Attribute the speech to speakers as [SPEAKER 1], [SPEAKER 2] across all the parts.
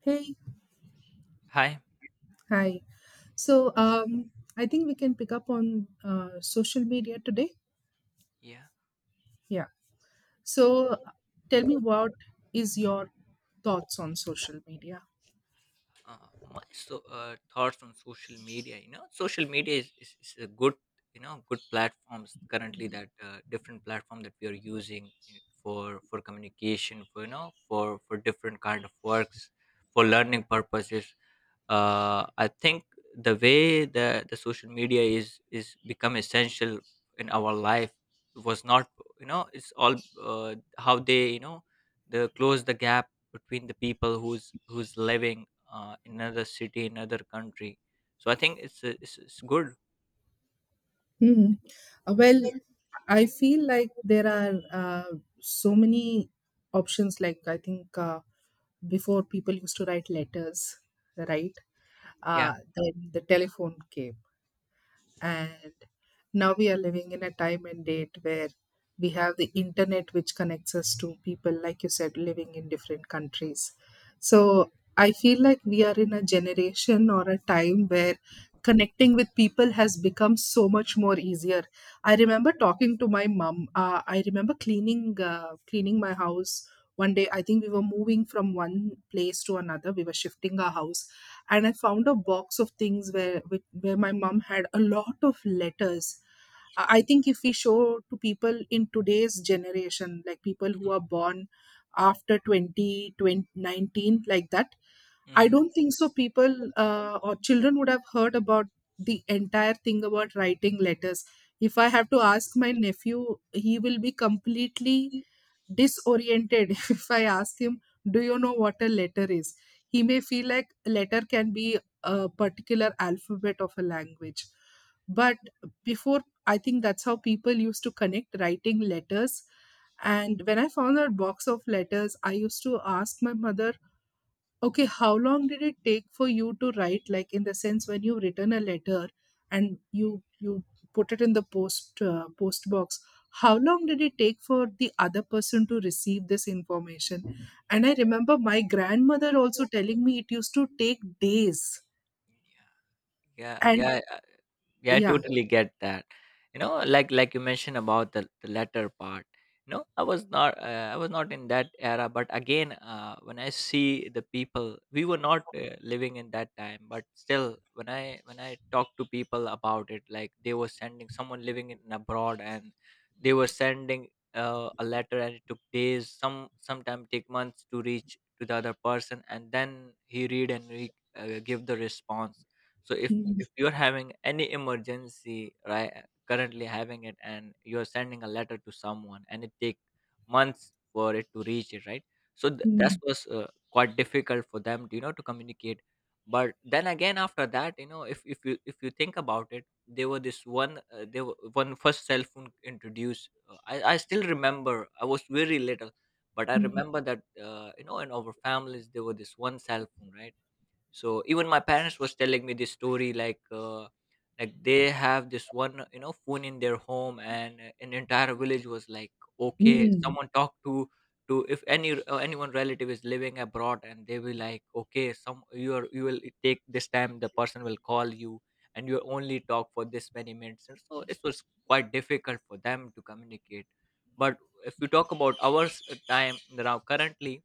[SPEAKER 1] Hey,
[SPEAKER 2] Hi.
[SPEAKER 1] hi. So,
[SPEAKER 2] Yes.
[SPEAKER 1] um, I think we can pick up on social media today.
[SPEAKER 2] Yeah.
[SPEAKER 1] Yeah. So,
[SPEAKER 2] So,
[SPEAKER 1] tell me what is your thoughts on social media?
[SPEAKER 2] Uh, thoughts on social media. Social media is a good platforms currently, that different platform that we are using for communication, for different kind of works, for learning purposes. I think the way that the social media is become essential in our life, was not, it's all, how they, they close the gap between the people who's living in another city, another country. So I think it's good.
[SPEAKER 1] Hmm. Well, I feel like there are so many options. Like I think before people used to write letters, right?
[SPEAKER 2] Yeah.
[SPEAKER 1] Then the telephone came, and now we are living in a time and date where we have the internet, which connects us to people, like you said, living in different countries. So I feel like we are in a generation or a time where connecting with people has become so much more easier. I remember talking to my mom, I remember cleaning cleaning my house one day. I think we were moving from one place to another, we were shifting our house, and I found a box of things where where my mom had a lot of letters. I think if we show to people in today's generation, like people who are born after 20 20 19, like that, I
[SPEAKER 2] Hmm.
[SPEAKER 1] don't think so. People, or children, would have heard about the entire thing about writing letters. If I have to ask my nephew, he will be completely disoriented if I ask him, do you know what a letter is? He may feel like a letter can be a particular alphabet of a language. But before, I think that's how people used to connect, writing letters. And when I found that box of letters, I used to ask my mother, okay, how long did it take for you to write? Like in the sense, when you've written a letter and you put it in the post box, how long did it take for the other person to receive this information? And I remember my grandmother also telling me it used to take days.
[SPEAKER 2] Yeah,
[SPEAKER 1] And
[SPEAKER 2] yeah. Yeah, I
[SPEAKER 1] yeah,
[SPEAKER 2] totally get that. Like you mentioned about the latter part, I was not in that era. But again, when I see the people, we were not living in that time. But still, when I talk to people about it, like, they were sending someone living in abroad, and they were sending a letter, and it took days, sometime take months to reach to the other person, and then he read and he give the response. So if
[SPEAKER 1] mm,
[SPEAKER 2] if you're having any emergency, right, currently having it, and you're sending a letter to someone, and it take months for it to reach it, right? So that
[SPEAKER 1] mm,
[SPEAKER 2] was quite difficult for them, to communicate. But then again, after that, if you think about it, there were one first cell phone introduced. I still remember. I was very little, but I
[SPEAKER 1] mm,
[SPEAKER 2] remember that in our families, there were this one cell phone, right? So even my parents was telling me this story, like, like they have this one, phone in their home, and an entire village was like, okay,
[SPEAKER 1] mm,
[SPEAKER 2] someone talked to if any anyone relative is living abroad, and they will like, okay, some you are you will take this time, the person will call you, and you only talk for this many minutes. And so it was quite difficult for them to communicate. But if you talk about our time now, currently,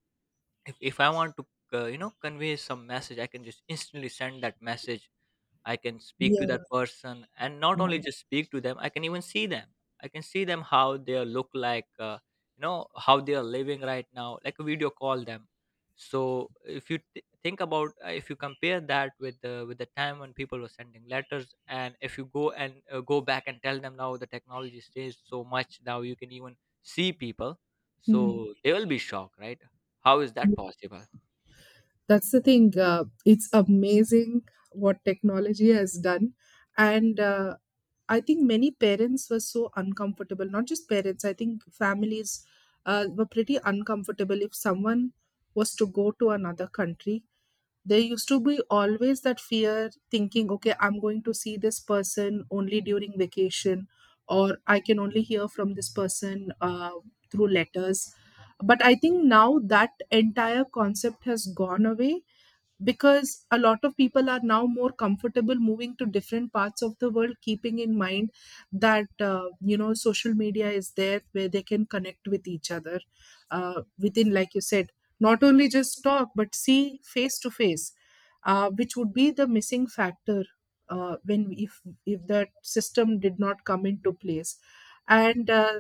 [SPEAKER 2] if I want to convey some message, I can just instantly send that message. I can speak
[SPEAKER 1] yeah,
[SPEAKER 2] to that person, and not only
[SPEAKER 1] mm,
[SPEAKER 2] just speak to them, I can even see them. I can see them how they look like, how they are living right now, like a video call them. So if you if you compare that with the time when people were sending letters, and if you go back and tell them, now the technology stays so much, now you can even see people, so they will be shocked, right? How is that
[SPEAKER 1] mm,
[SPEAKER 2] possible?
[SPEAKER 1] that's the thing. It's amazing what technology has done. And I think many parents were so uncomfortable, not just parents, I think families were pretty uncomfortable if someone was to go to another country. There used to be always that fear, thinking, okay, I'm going to see this person only during vacation, or I can only hear from this person through letters. But I think now that entire concept has gone away, because a lot of people are now more comfortable moving to different parts of the world, keeping in mind that you know, social media is there where they can connect with each other, within, like you said, not only just talk but see face to face, which would be the missing factor when, if that system did not come into place. And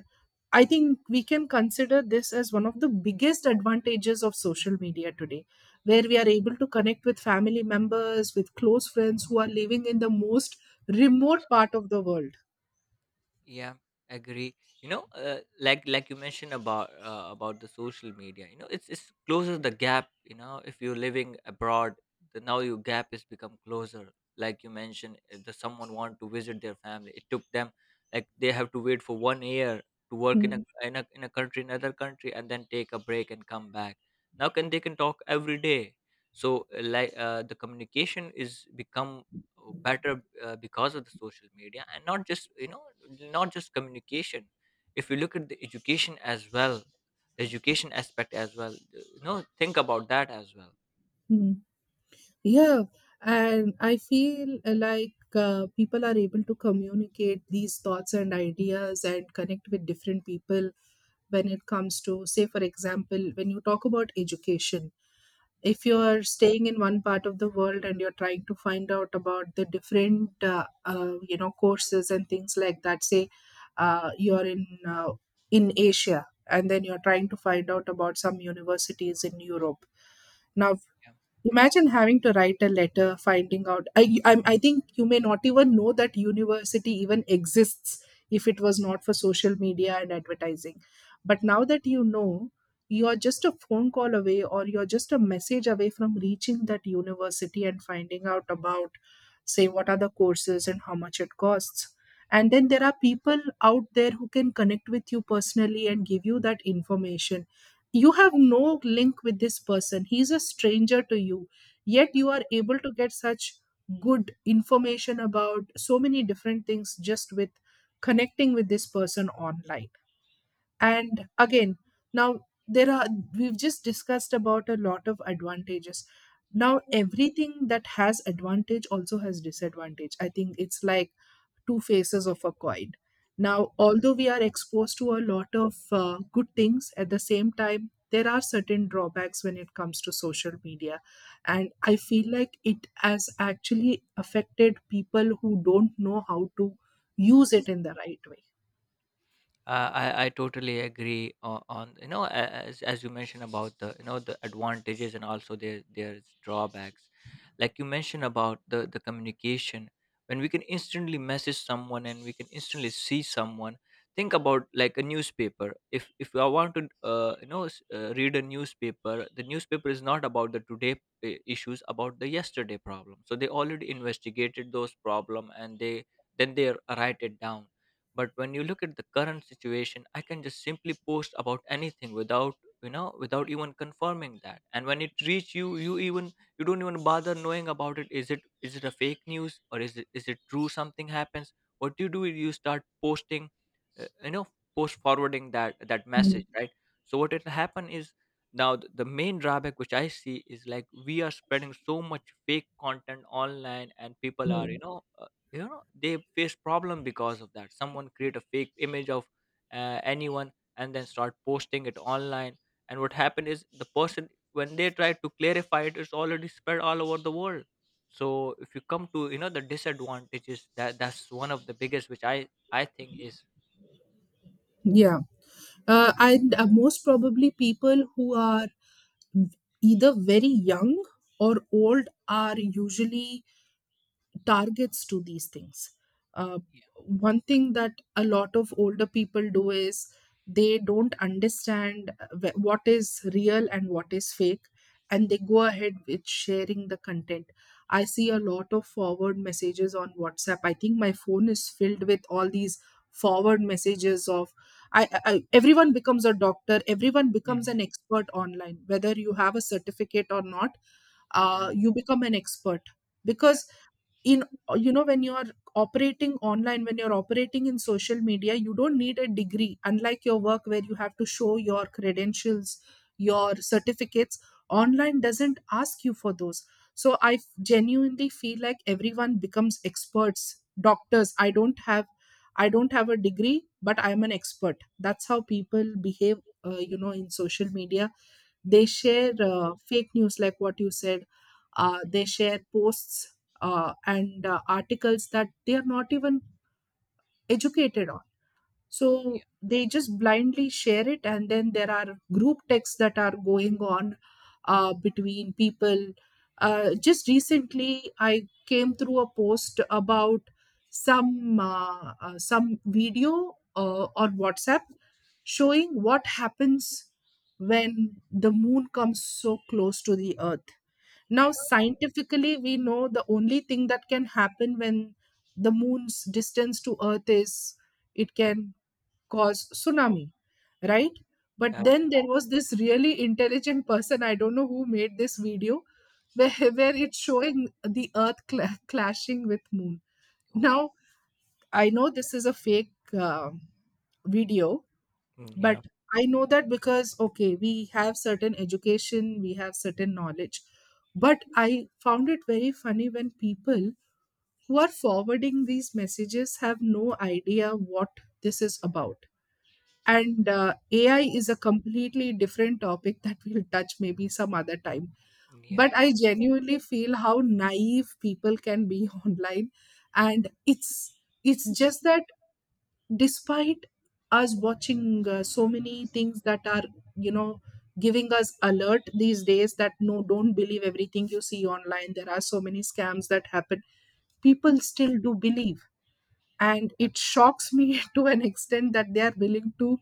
[SPEAKER 1] I think we can consider this as one of the biggest advantages of social media today, where we are able to connect with family members, with close friends who are living in the most remote part of the world.
[SPEAKER 2] Yeah. Agree. Like you mentioned about, about the social media, it's closes the gap. If you're living abroad, the now your gap has become closer. Like you mentioned, the someone want to visit their family, it took them, like, they have to wait for 1 year to work in a,
[SPEAKER 1] Mm,
[SPEAKER 2] in a country, another country, and then take a break and come back. Now can they, can talk every day. So like the communication is become better, because of the social media. And not just communication, if you look at the education aspect as well, think about that as well.
[SPEAKER 1] mm. Yeah, and I
[SPEAKER 2] Yeah.
[SPEAKER 1] feel like people are able to communicate these thoughts and ideas and connect with different people when it comes to, say, for example, when you talk about education, if you're staying in one part of the world and you're trying to find out about the different you know, courses and things like that. Say you're in Asia, and then you're trying to find out about some universities in Europe. Now,
[SPEAKER 2] Yeah.
[SPEAKER 1] imagine having to write a letter, finding out. I think you may not even know that university even exists if it was not for social media and advertising. But now that you know, you're just a phone call away, or you're just a message away from reaching that university and finding out about, say, what are the courses and how much it costs. And then there are people out there who can connect with you personally and give you that information. You have no link with this person, he's a stranger to you, yet you are able to get such good information about so many different things just with connecting with this person online. And again, now there are, we've just discussed about a lot of advantages. Now everything that has advantage also has disadvantage. I think it's like two faces of a coin. Now, although we are exposed to a lot of good things, at the same time, there are certain drawbacks when it comes to social media. And I feel like it has actually affected people who don't know how to use it in the right way.
[SPEAKER 2] I totally agree on, as you mentioned about the you know the advantages, and also their there's drawbacks. Like you mentioned about the communication, when we can instantly message someone, and we can instantly see someone. Think about like a newspaper. If I want to read a newspaper, the newspaper is not about the today issues, about the yesterday problem. So they already investigated those problem, and they then they write it down. But when you look at the current situation, I can just simply post about anything without, without even confirming that. And when it reach you, you even you don't even bother knowing about it. Is it, a fake news, or is it true, something happens? What do you do is, you start posting you know post forwarding that message,
[SPEAKER 1] Mm,
[SPEAKER 2] right? So what will happen is, now the main drawback which I see is, like, we are spreading so much fake content online, and people are
[SPEAKER 1] mm.
[SPEAKER 2] you know they face problem because of that. Someone create a fake image of anyone, and then start posting it online. And what happened is, the person, when they try to clarify it, it's already spread all over the world. So if you come to, the disadvantages, that's one of the biggest which I think is.
[SPEAKER 1] Yeah. And Most probably, people who are either very young or old are usually targets to these things. Uh,
[SPEAKER 2] Yeah.
[SPEAKER 1] one thing that a lot of older people do is they don't understand, what is real and what is fake, and they go ahead with sharing the content. I see a lot of forward messages on WhatsApp. I think my phone is filled with all these forward messages of, everyone becomes a doctor, everyone becomes
[SPEAKER 2] Mhm.
[SPEAKER 1] an expert online, whether you have a certificate or not.
[SPEAKER 2] Yeah,
[SPEAKER 1] You become an expert
[SPEAKER 2] yeah.
[SPEAKER 1] because, in, you know, when you're operating online, when you're operating in social media, you don't need a degree, unlike your work where you have to show your credentials, your certificates. Online doesn't ask you for those. So I genuinely feel like everyone becomes experts, doctors. I don't have, I don't have a degree, but I'm an expert. That's how people behave you know, in social media. They share fake news, like what you said. They
[SPEAKER 2] Mhm.
[SPEAKER 1] share posts and articles that they are not even educated.
[SPEAKER 2] Yeah,
[SPEAKER 1] So they just blindly share it, and then there are group texts that are going on between people. Just recently I came through a post about some some video on WhatsApp, showing what happens when the moon comes so close to the earth. Now,
[SPEAKER 2] yeah,
[SPEAKER 1] scientifically, we know the only thing that can happen when the moon's distance to earth is, it can cause tsunami, right? But
[SPEAKER 2] yeah.
[SPEAKER 1] then there was this really intelligent person, I don't know who made this video, where, where it's showing the earth clashing with moon.
[SPEAKER 2] Oh.
[SPEAKER 1] Now, I know this is a fake um video.
[SPEAKER 2] Mm,
[SPEAKER 1] But
[SPEAKER 2] yeah.
[SPEAKER 1] I know that because, okay, we have certain education, we have certain knowledge. But I found it very funny when people who are forwarding these messages have no idea what this is about. And AI is a completely different topic that we'll touch maybe some other time. But I genuinely feel how naive people can be online. And it's just that, despite us watching so many things that are, you know, giving us alert these days, that no, don't believe everything you see online, there are so many scams that happen. People still do believe. And it shocks me to an extent that they are willing to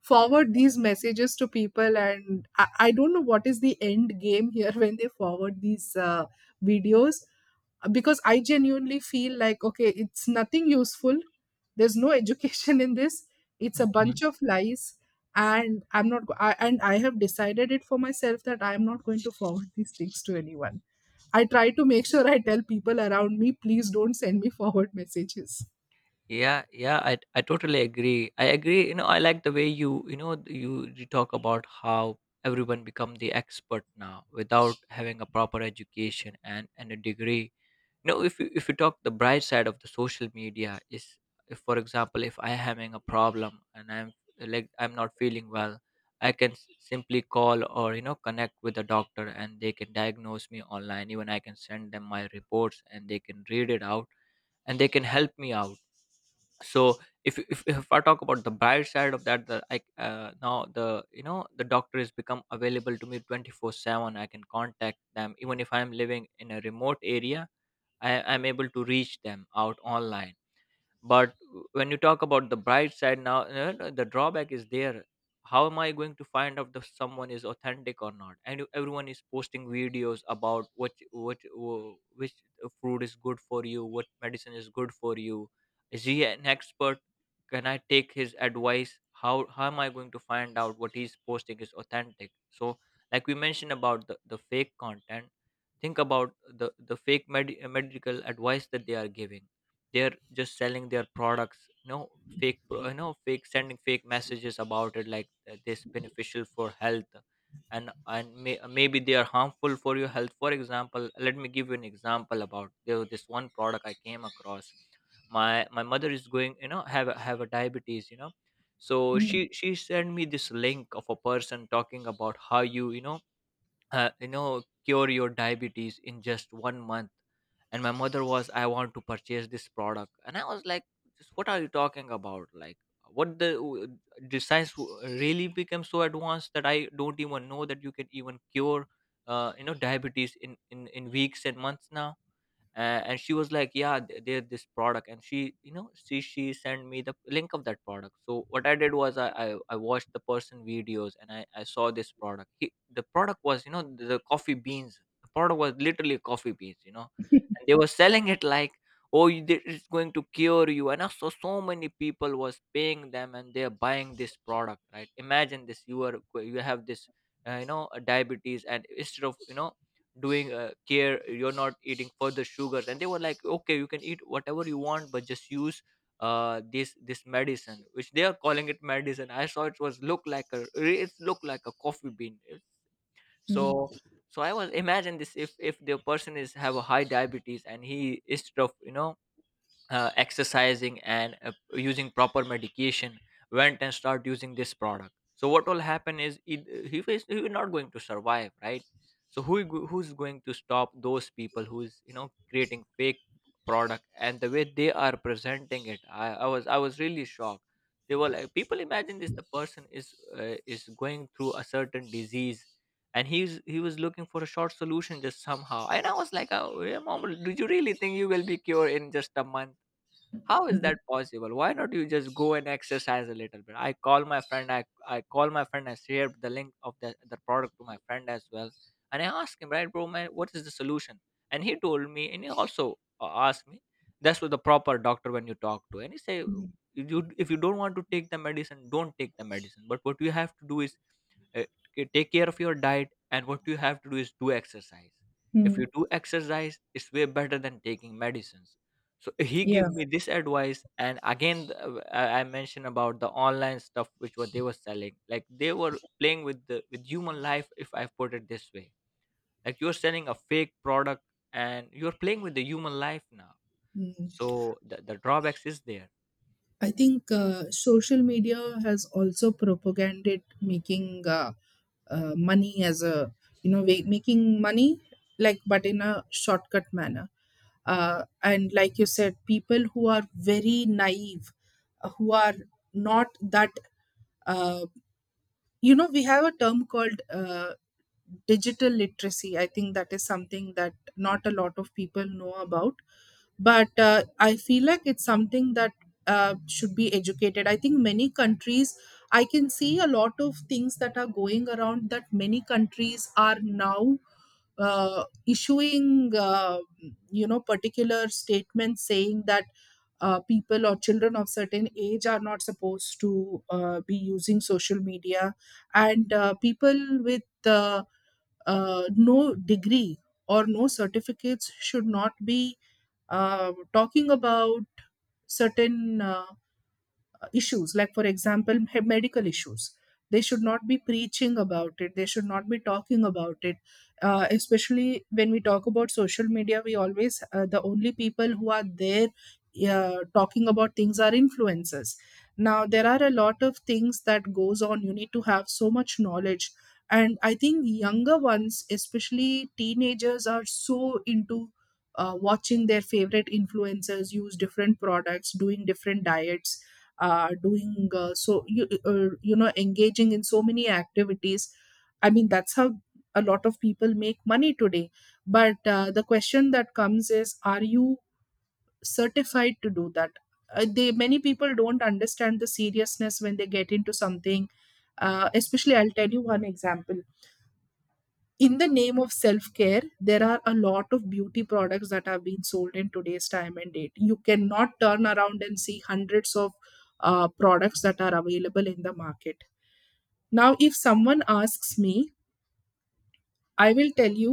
[SPEAKER 1] forward these messages to people. And I don't know what is the end game here when they forward these videos. Because I genuinely feel like, okay, it's nothing useful. There's no education in this. It's a
[SPEAKER 2] Yeah.
[SPEAKER 1] bunch of lies. And I'm not go- I, and I have decided it for myself that I am not going to forward these things to anyone. I try to make sure I tell people around me, please don't send me forward messages.
[SPEAKER 2] Yeah, yeah, I totally agree. I agree. I like the way you you know you talk about how everyone become the expert now without having a proper education, and a degree. If you talk, the bright side of the social media is, if, for example, if I am having a problem, and I'm like, I'm not feeling well, I can simply call, or connect with a doctor, and they can diagnose me online. Even I can send them my reports, and they can read it out, and they can help me out. So if I talk about the bright side of that, the I now the you know the doctor is become available to me 24/7. I can contact them, even if I'm living in a remote area, I'm able to reach them out online. But when you talk about the bright side, now, no, no, the drawback is there. How am I going to find out if someone is authentic or not? And everyone is posting videos about which fruit is good for you, what medicine is good for you. Is he an expert? Can I take his advice? How am I going to find out what he's posting is authentic? So like we mentioned about the fake content, think about the fake medical advice that they are giving. They're just selling their products, you know fake fake, sending fake messages about it, like, this beneficial for health. And maybe they are harmful for your health. For example, let me give you an example about this one product I came across. My mother is going, have a diabetes. So
[SPEAKER 1] Mm,
[SPEAKER 2] she sent me this link of a person talking about how you you know cure your diabetes in just 1 month. And my mother was, I want to purchase this product. And I was like, just, what are you talking about? Like, what the did science really became so advanced that I don't even know that you can even cure, diabetes in weeks and months now. And she was like, yeah, there this product. And she, sent me the link of that product. So what I did was, I watched the person videos. And I saw this product. The product was, the coffee beans The product was literally coffee beans. And they were selling it, like, oh, it's going to cure you. And also so many people was paying them, and they're buying this product, right? Imagine this, you have this, diabetes. And instead of, doing care, you're not eating further sugars. And they were like, okay, you can eat whatever you want, but just use this medicine, which they are calling it medicine. I saw it, was look like a it looked like a coffee bean.
[SPEAKER 1] mm,
[SPEAKER 2] So, I was imagine this. If the person is have a high diabetes, and he is tough, exercising, and using proper medication, went and start using this product. So what will happen is, he will not going to survive, right? So who's going to stop those people who's, creating fake product, and the way they are presenting it, I was really shocked. They were like, people, imagine this. The person is going through a certain disease, and he was looking for a short solution, just somehow. And I was like, oh yeah, mom, did you really think you will be cured in just a month? How is that
[SPEAKER 1] mhm,
[SPEAKER 2] possible? Why not you just go and exercise a little bit? I call my friend, I call my friend. I shared the link of the product to my friend as well, and I asked him, right bro, man, what is the solution? And he told me, and he also asked me. That's what the proper doctor when you talk to, and he say,
[SPEAKER 1] mm,
[SPEAKER 2] you, if you don't want to take the medicine, don't take the medicine, but what you have to do is uh, take care of your diet. And what you have to do is do exercise. If you
[SPEAKER 1] mm,
[SPEAKER 2] do exercise, it's way better than taking medicines. So he gave
[SPEAKER 1] yeah,
[SPEAKER 2] me this advice. And again, I mentioned about the online stuff, which what they were selling, like, they were playing with the, with human life, if I put it this way. Like, you're selling a fake product, and you're playing with the human life now.
[SPEAKER 1] mm-hmm.
[SPEAKER 2] So the drawbacks is there.
[SPEAKER 1] I think social media has also propaganded making money as a, you know, making money, like, but in a shortcut manner. And like you said, people who are very naive, who are not that uh, you know, we have a term called digital literacy. I think that is something that not a lot of people know about, but I feel like it's something that should be educated. I think many countries— I can see a lot of things that are going around, that many countries are now issuing particular statements saying that people or children of certain age are not supposed to be using social media. And people with no degree or no certificates should not be talking about certain issues, like for example, medical issues. They should not be preaching about it, they should not be talking about it. Uh, especially when we talk about social media, we always— the only people who are there talking about things are influencers. Now there are a lot of things that goes on. You need to have so much knowledge. And I think younger ones, especially teenagers, are so into watching their favorite influencers use different products, doing different diets, doing so you you know engaging in so many activities. I mean, that's how a lot of people make money today. But the question that comes is, are you certified to do that? They Many people don't understand the seriousness when they get into something. Especially, I'll tell you one example. In the name of self-care, there are a lot of beauty products that have been sold. In today's time and date, you cannot turn around and see hundreds of products that are available in the market. Now if someone asks me, I will tell you,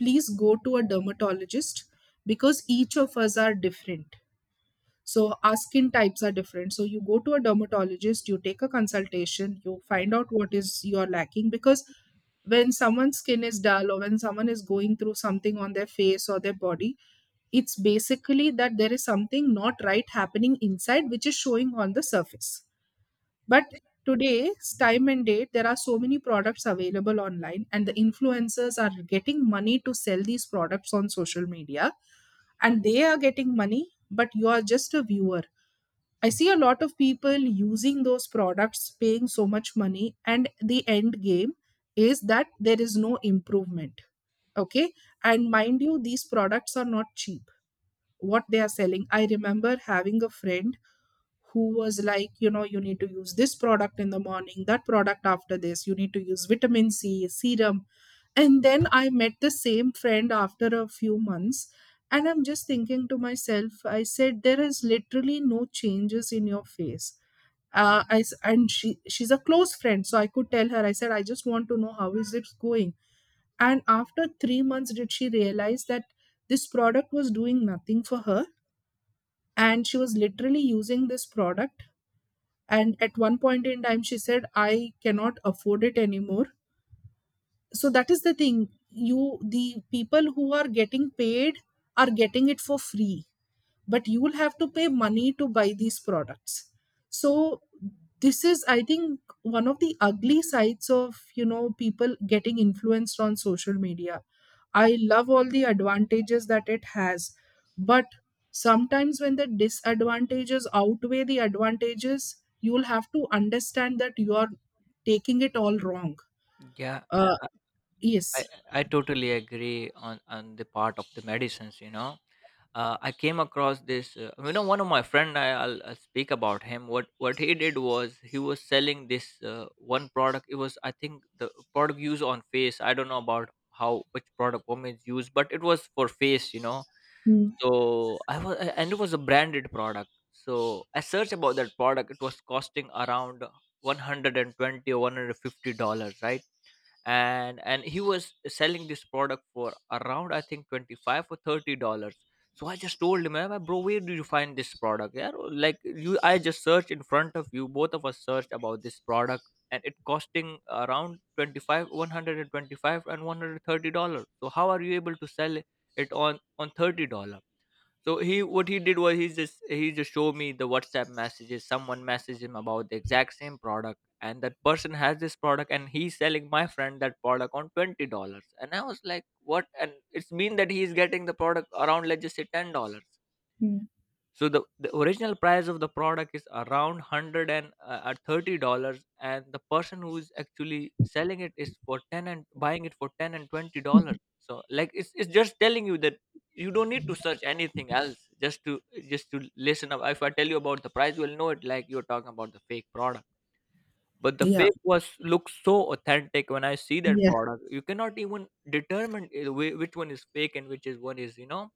[SPEAKER 1] please go to a dermatologist, because each of us are different. So our skin types are different. So you go to a dermatologist, you take a consultation, you find out what is you're lacking, because when someone's skin is dull, or when someone is going through something on their face or their body, it's basically that there is something not right happening inside, which is showing on the surface. But today's time and date, there are so many products available online, and the influencers are getting money to sell these products on social media, and they are getting money, but you are just a viewer. I see a lot of people using those products, paying so much money, and the end game is that there is no improvement. Okay. And mind you, these products are not cheap, what they are selling. I remember having a friend who was like, you need to use this product in the morning, that product after this, you need to use vitamin C, serum. And then I met the same friend after a few months. And I'm just thinking to myself, I said, there is literally no changes in your face. And she's a close friend. So I could tell her, I said, I just want to know how is it going. And after 3 months, did she realize that this product was doing nothing for her? And she was literally using this product, and at one point in time she said, I cannot afford it anymore. So that is the thing. You the people who are getting paid are getting it for free, but you will have to pay money to buy these products. So this is, I think, one of the ugly sides of people getting influenced on social media. I love all the advantages that it has, but sometimes when the disadvantages outweigh the advantages, you'll have to understand that you are taking it all wrong.
[SPEAKER 2] Yeah,
[SPEAKER 1] uh
[SPEAKER 2] I,
[SPEAKER 1] yes.
[SPEAKER 2] I totally agree on the part of the medicines, you know. I came across this, you know, one of my friend. I'll speak about him. What he did was he was selling this one product. It was, I think, the product used on face. I don't know about how which product women use, but it was for face, you know.
[SPEAKER 1] Mm.
[SPEAKER 2] So I was, and it was a branded product. So I searched about that product. It was costing around 120 or 150 dollars, right? And he was selling this product for around, I think, 25 or 30 dollars. So I just told him, "Ah, bro, where do you find this product? Yeah, like, you, I just searched in front of you, both of us searched about this product, and it costing around 25, 125 and 130 dollars. So how are you able to sell it on 30 dollars?" So he, what he did was, he just showed me the WhatsApp messages. Someone messaged him about the exact same product, and that person has this product, and he's selling my friend that product on $20. And I was like, what? And it's mean that he's getting the product around, let's just say, $10. So the original price of the product is around one hundred and thirty dollars, and the person who is actually selling it is for ten and buying it for $10 and $20. So like, it's just telling you that you don't need to search anything else, just to listen up. If I tell you about the price, you'll know it, like, you're talking about the fake product. But the
[SPEAKER 1] Yeah,
[SPEAKER 2] fake was looks so authentic when I see that
[SPEAKER 1] yeah.
[SPEAKER 2] product. You cannot even determine which one is fake and which is one is, you know,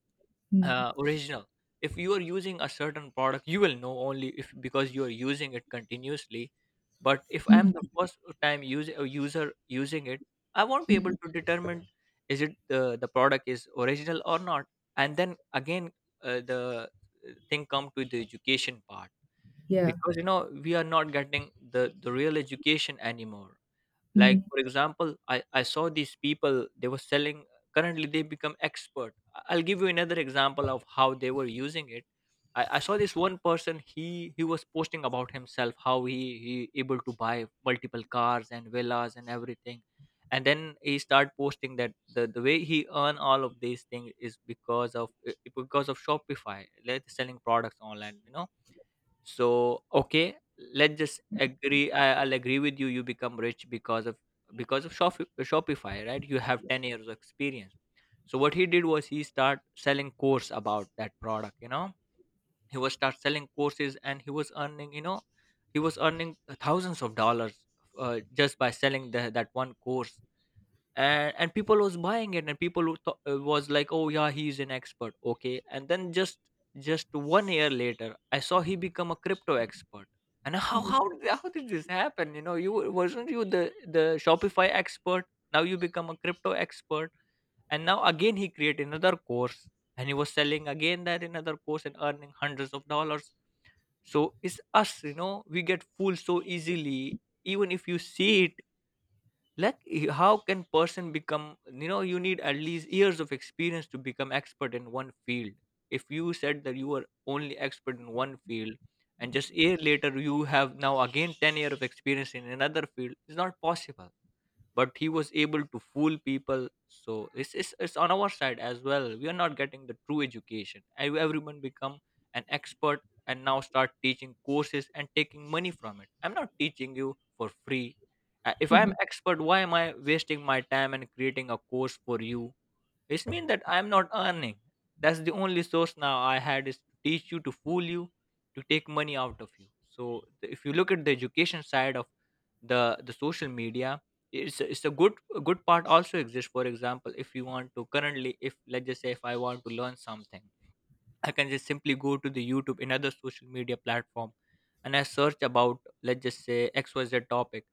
[SPEAKER 1] Mm.
[SPEAKER 2] original. If you are using a certain product, you will know only if, because you are using it continuously. But if I am the
[SPEAKER 1] Mm.
[SPEAKER 2] first time user using it, I won't be able
[SPEAKER 1] Mm.
[SPEAKER 2] to determine, is it the product is original or not. And then again, the thing come to the education part.
[SPEAKER 1] Yeah.
[SPEAKER 2] Because, you know, we are not getting the real education anymore. Like,
[SPEAKER 1] Mm.
[SPEAKER 2] for example, I saw these people, they were selling currently they become expert. I'll give you another example of how they were using it. I saw this one person, he was posting about himself how he able to buy multiple cars and villas and everything. And then he started posting that the way he earn all of these things is because of Shopify. Like, selling products online, you know. So okay, let's just agree. I'll agree with you. You become rich because of Shopify, right? You have 10 years of experience. So what he did was he start selling course about that product. You know, he was start selling courses and he was earning. You know, he was earning thousands of dollars, just by selling that one course. And people was buying it. And people who was like, oh yeah, he's an expert, okay. And then just one year later, I saw he become a crypto expert. And how did this happen, you know? You wasn't you the Shopify expert? Now you become a crypto expert. And now again, he create another course, and he was selling again that another course, and earning hundreds of dollars. So it's us, you know, we get fooled so easily, even if you see it. Like, how can person become, you know, you need at least years of experience to become expert in one field. If you said that you are only expert in one field, and just a year later you have now again 10 year of experience in another field, it's not possible. But he was able to fool people. So it's on our side as well. We are not getting the true education. Everyone become an expert and now start teaching courses and taking money from it. I'm not teaching you for free. If I'm expert, why am I wasting my time and creating a course for you? It means that I'm not earning. That's the only source now I had is to teach you, to fool you, to take money out of you. So if you look at the education side of the social media, it's a good, a good part also exists. For example, if you want to currently, if, let's just say, if I want to learn something, I can just simply go to the YouTube, another social media platform, and I search about, let's just say, XYZ topic.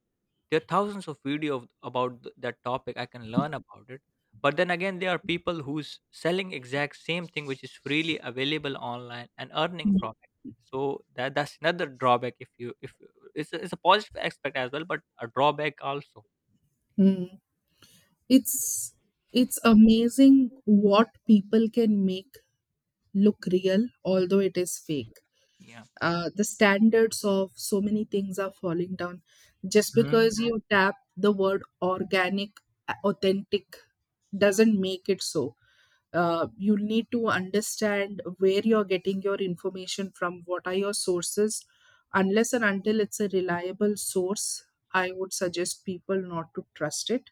[SPEAKER 2] There are thousands of videos about that topic, I can learn about it. But then again, there are people who's selling exact same thing, which is freely available online, and earning from it. So that's another drawback. If it's a positive aspect as well, but a drawback also.
[SPEAKER 1] Mm. It's it's amazing what people can make look real, although it is fake.
[SPEAKER 2] Yeah.
[SPEAKER 1] The standards of so many things are falling down. Just
[SPEAKER 2] Mhm.
[SPEAKER 1] because you tap the word organic, authentic, doesn't make it so. You need to understand where you're getting your information from, what are your sources. Unless and until it's a reliable source, I would suggest people not to trust it.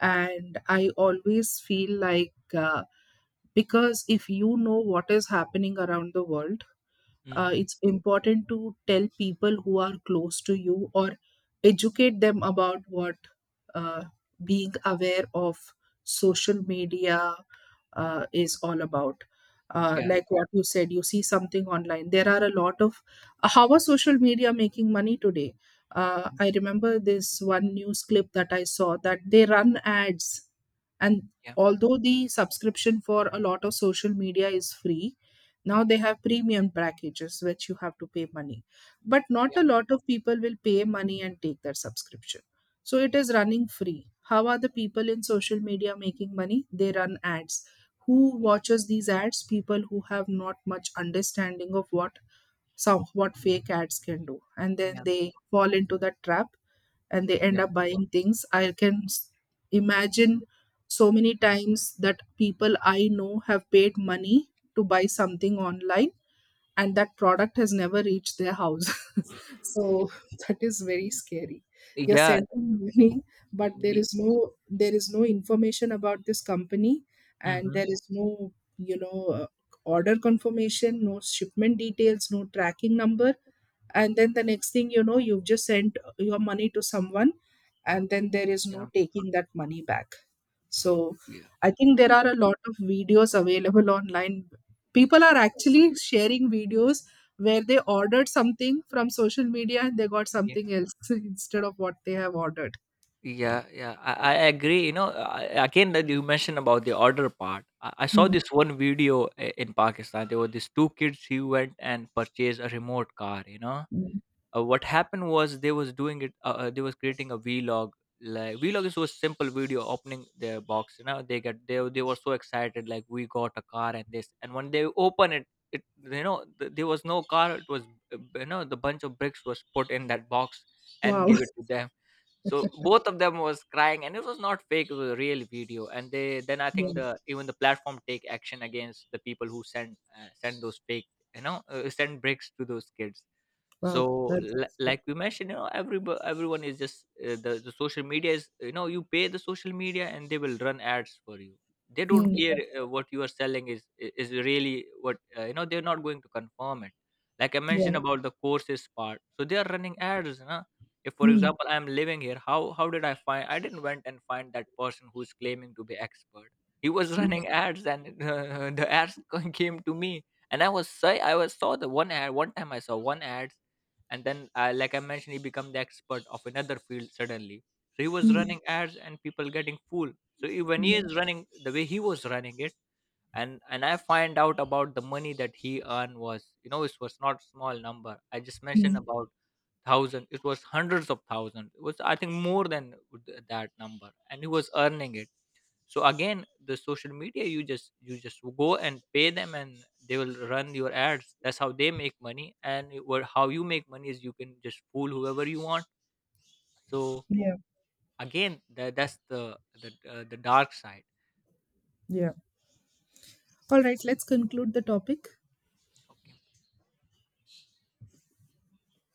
[SPEAKER 1] And I always feel like, because if you know what is happening around the world,
[SPEAKER 2] Mm-hmm.
[SPEAKER 1] it's important to tell people who are close to you, or educate them about what uh, being aware of social media is all about.
[SPEAKER 2] Yeah,
[SPEAKER 1] Like what you said, you see something online. There are a lot of— how are social media making money today? I remember this one news clip that I saw, that they run ads. And
[SPEAKER 2] yeah.
[SPEAKER 1] although the subscription for a lot of social media is free, now they have premium packages which you have to pay money. But not
[SPEAKER 2] Yeah.
[SPEAKER 1] a lot of people will pay money and take their subscription. So it is running free. How are the people in social media making money? They run ads. Who watches these ads? People who have not much understanding of what some what fake ads can do, and then
[SPEAKER 2] Yeah.
[SPEAKER 1] they fall into that trap and they end
[SPEAKER 2] Yeah,
[SPEAKER 1] up buying things. Imagine so many times that people I know have paid money to buy something online, and that product has never reached their house. So that is very scary. You're
[SPEAKER 2] yeah.
[SPEAKER 1] sending money, but there
[SPEAKER 2] we,
[SPEAKER 1] is no there is no information about this company. And
[SPEAKER 2] hmm.
[SPEAKER 1] there is no, you know uh, order confirmation, no shipment details, no tracking number. And then the next thing you know, you've just sent your money to someone, and then there is
[SPEAKER 2] Yeah.
[SPEAKER 1] no
[SPEAKER 2] Mhm.
[SPEAKER 1] taking that money back. So,
[SPEAKER 2] Yeah,
[SPEAKER 1] I think there are a lot of videos available online. People are actually sharing videos where they ordered something from social media and they got something else instead of what they have ordered.
[SPEAKER 2] yeah, yeah, I agree. You know, I, again that you mentioned about the order part. I saw
[SPEAKER 1] Mm,
[SPEAKER 2] this one video in Pakistan. There were these two kids who went and purchased a remote car. You know,
[SPEAKER 1] mm.
[SPEAKER 2] what happened was they was doing it. They was creating a vlog. Like, vlog is so simple video opening their box. You know, they get they were so excited, like, we got a car and this. And when they open it, it, you know, there was no car. It was, you know, the bunch of bricks was put in that box and
[SPEAKER 1] Wow.
[SPEAKER 2] give it to them. So both of them was crying, and it was not fake, it was a real video. And they then, I
[SPEAKER 1] Yeah.
[SPEAKER 2] think, the even the platform take action against the people who send those fake, you know, send bricks to those kids. So
[SPEAKER 1] Wow. That's good.
[SPEAKER 2] like we mentioned, you know, everyone is just, the social media is, you know, you pay the social media and they will run ads for you. They don't
[SPEAKER 1] Mm.
[SPEAKER 2] care what you are selling is really what, you know, they're not going to confirm it. Like, I mentioned
[SPEAKER 1] Yeah.
[SPEAKER 2] about the courses part, so they are running ads, huh? If, for
[SPEAKER 1] Mm,
[SPEAKER 2] example, I am living here, how did I find, I didn't went and find that person who's claiming to be expert. He was
[SPEAKER 1] mm,
[SPEAKER 2] running ads, and the ads came to me. And i was say i was saw the one ad. One time I saw one ad. And then, like I mentioned, he became the expert of another field suddenly. So he was
[SPEAKER 1] mm,
[SPEAKER 2] running ads and people getting fooled. So when he
[SPEAKER 1] mm,
[SPEAKER 2] is running, the way he was running it, and I find out about the money that he earned was, you know, it was not small number. I just mentioned
[SPEAKER 1] mm.
[SPEAKER 2] about thousand, it was hundreds of thousands. It was, I think, more than that number, and he was earning it. So again, the social media, you just go and pay them and they will run your ads. That's how they make money. And what, how you make money is you can just fool whoever you want. So
[SPEAKER 1] Yeah.
[SPEAKER 2] again, that's the dark side.
[SPEAKER 1] Yeah. All right. Let's conclude the topic.
[SPEAKER 2] Okay.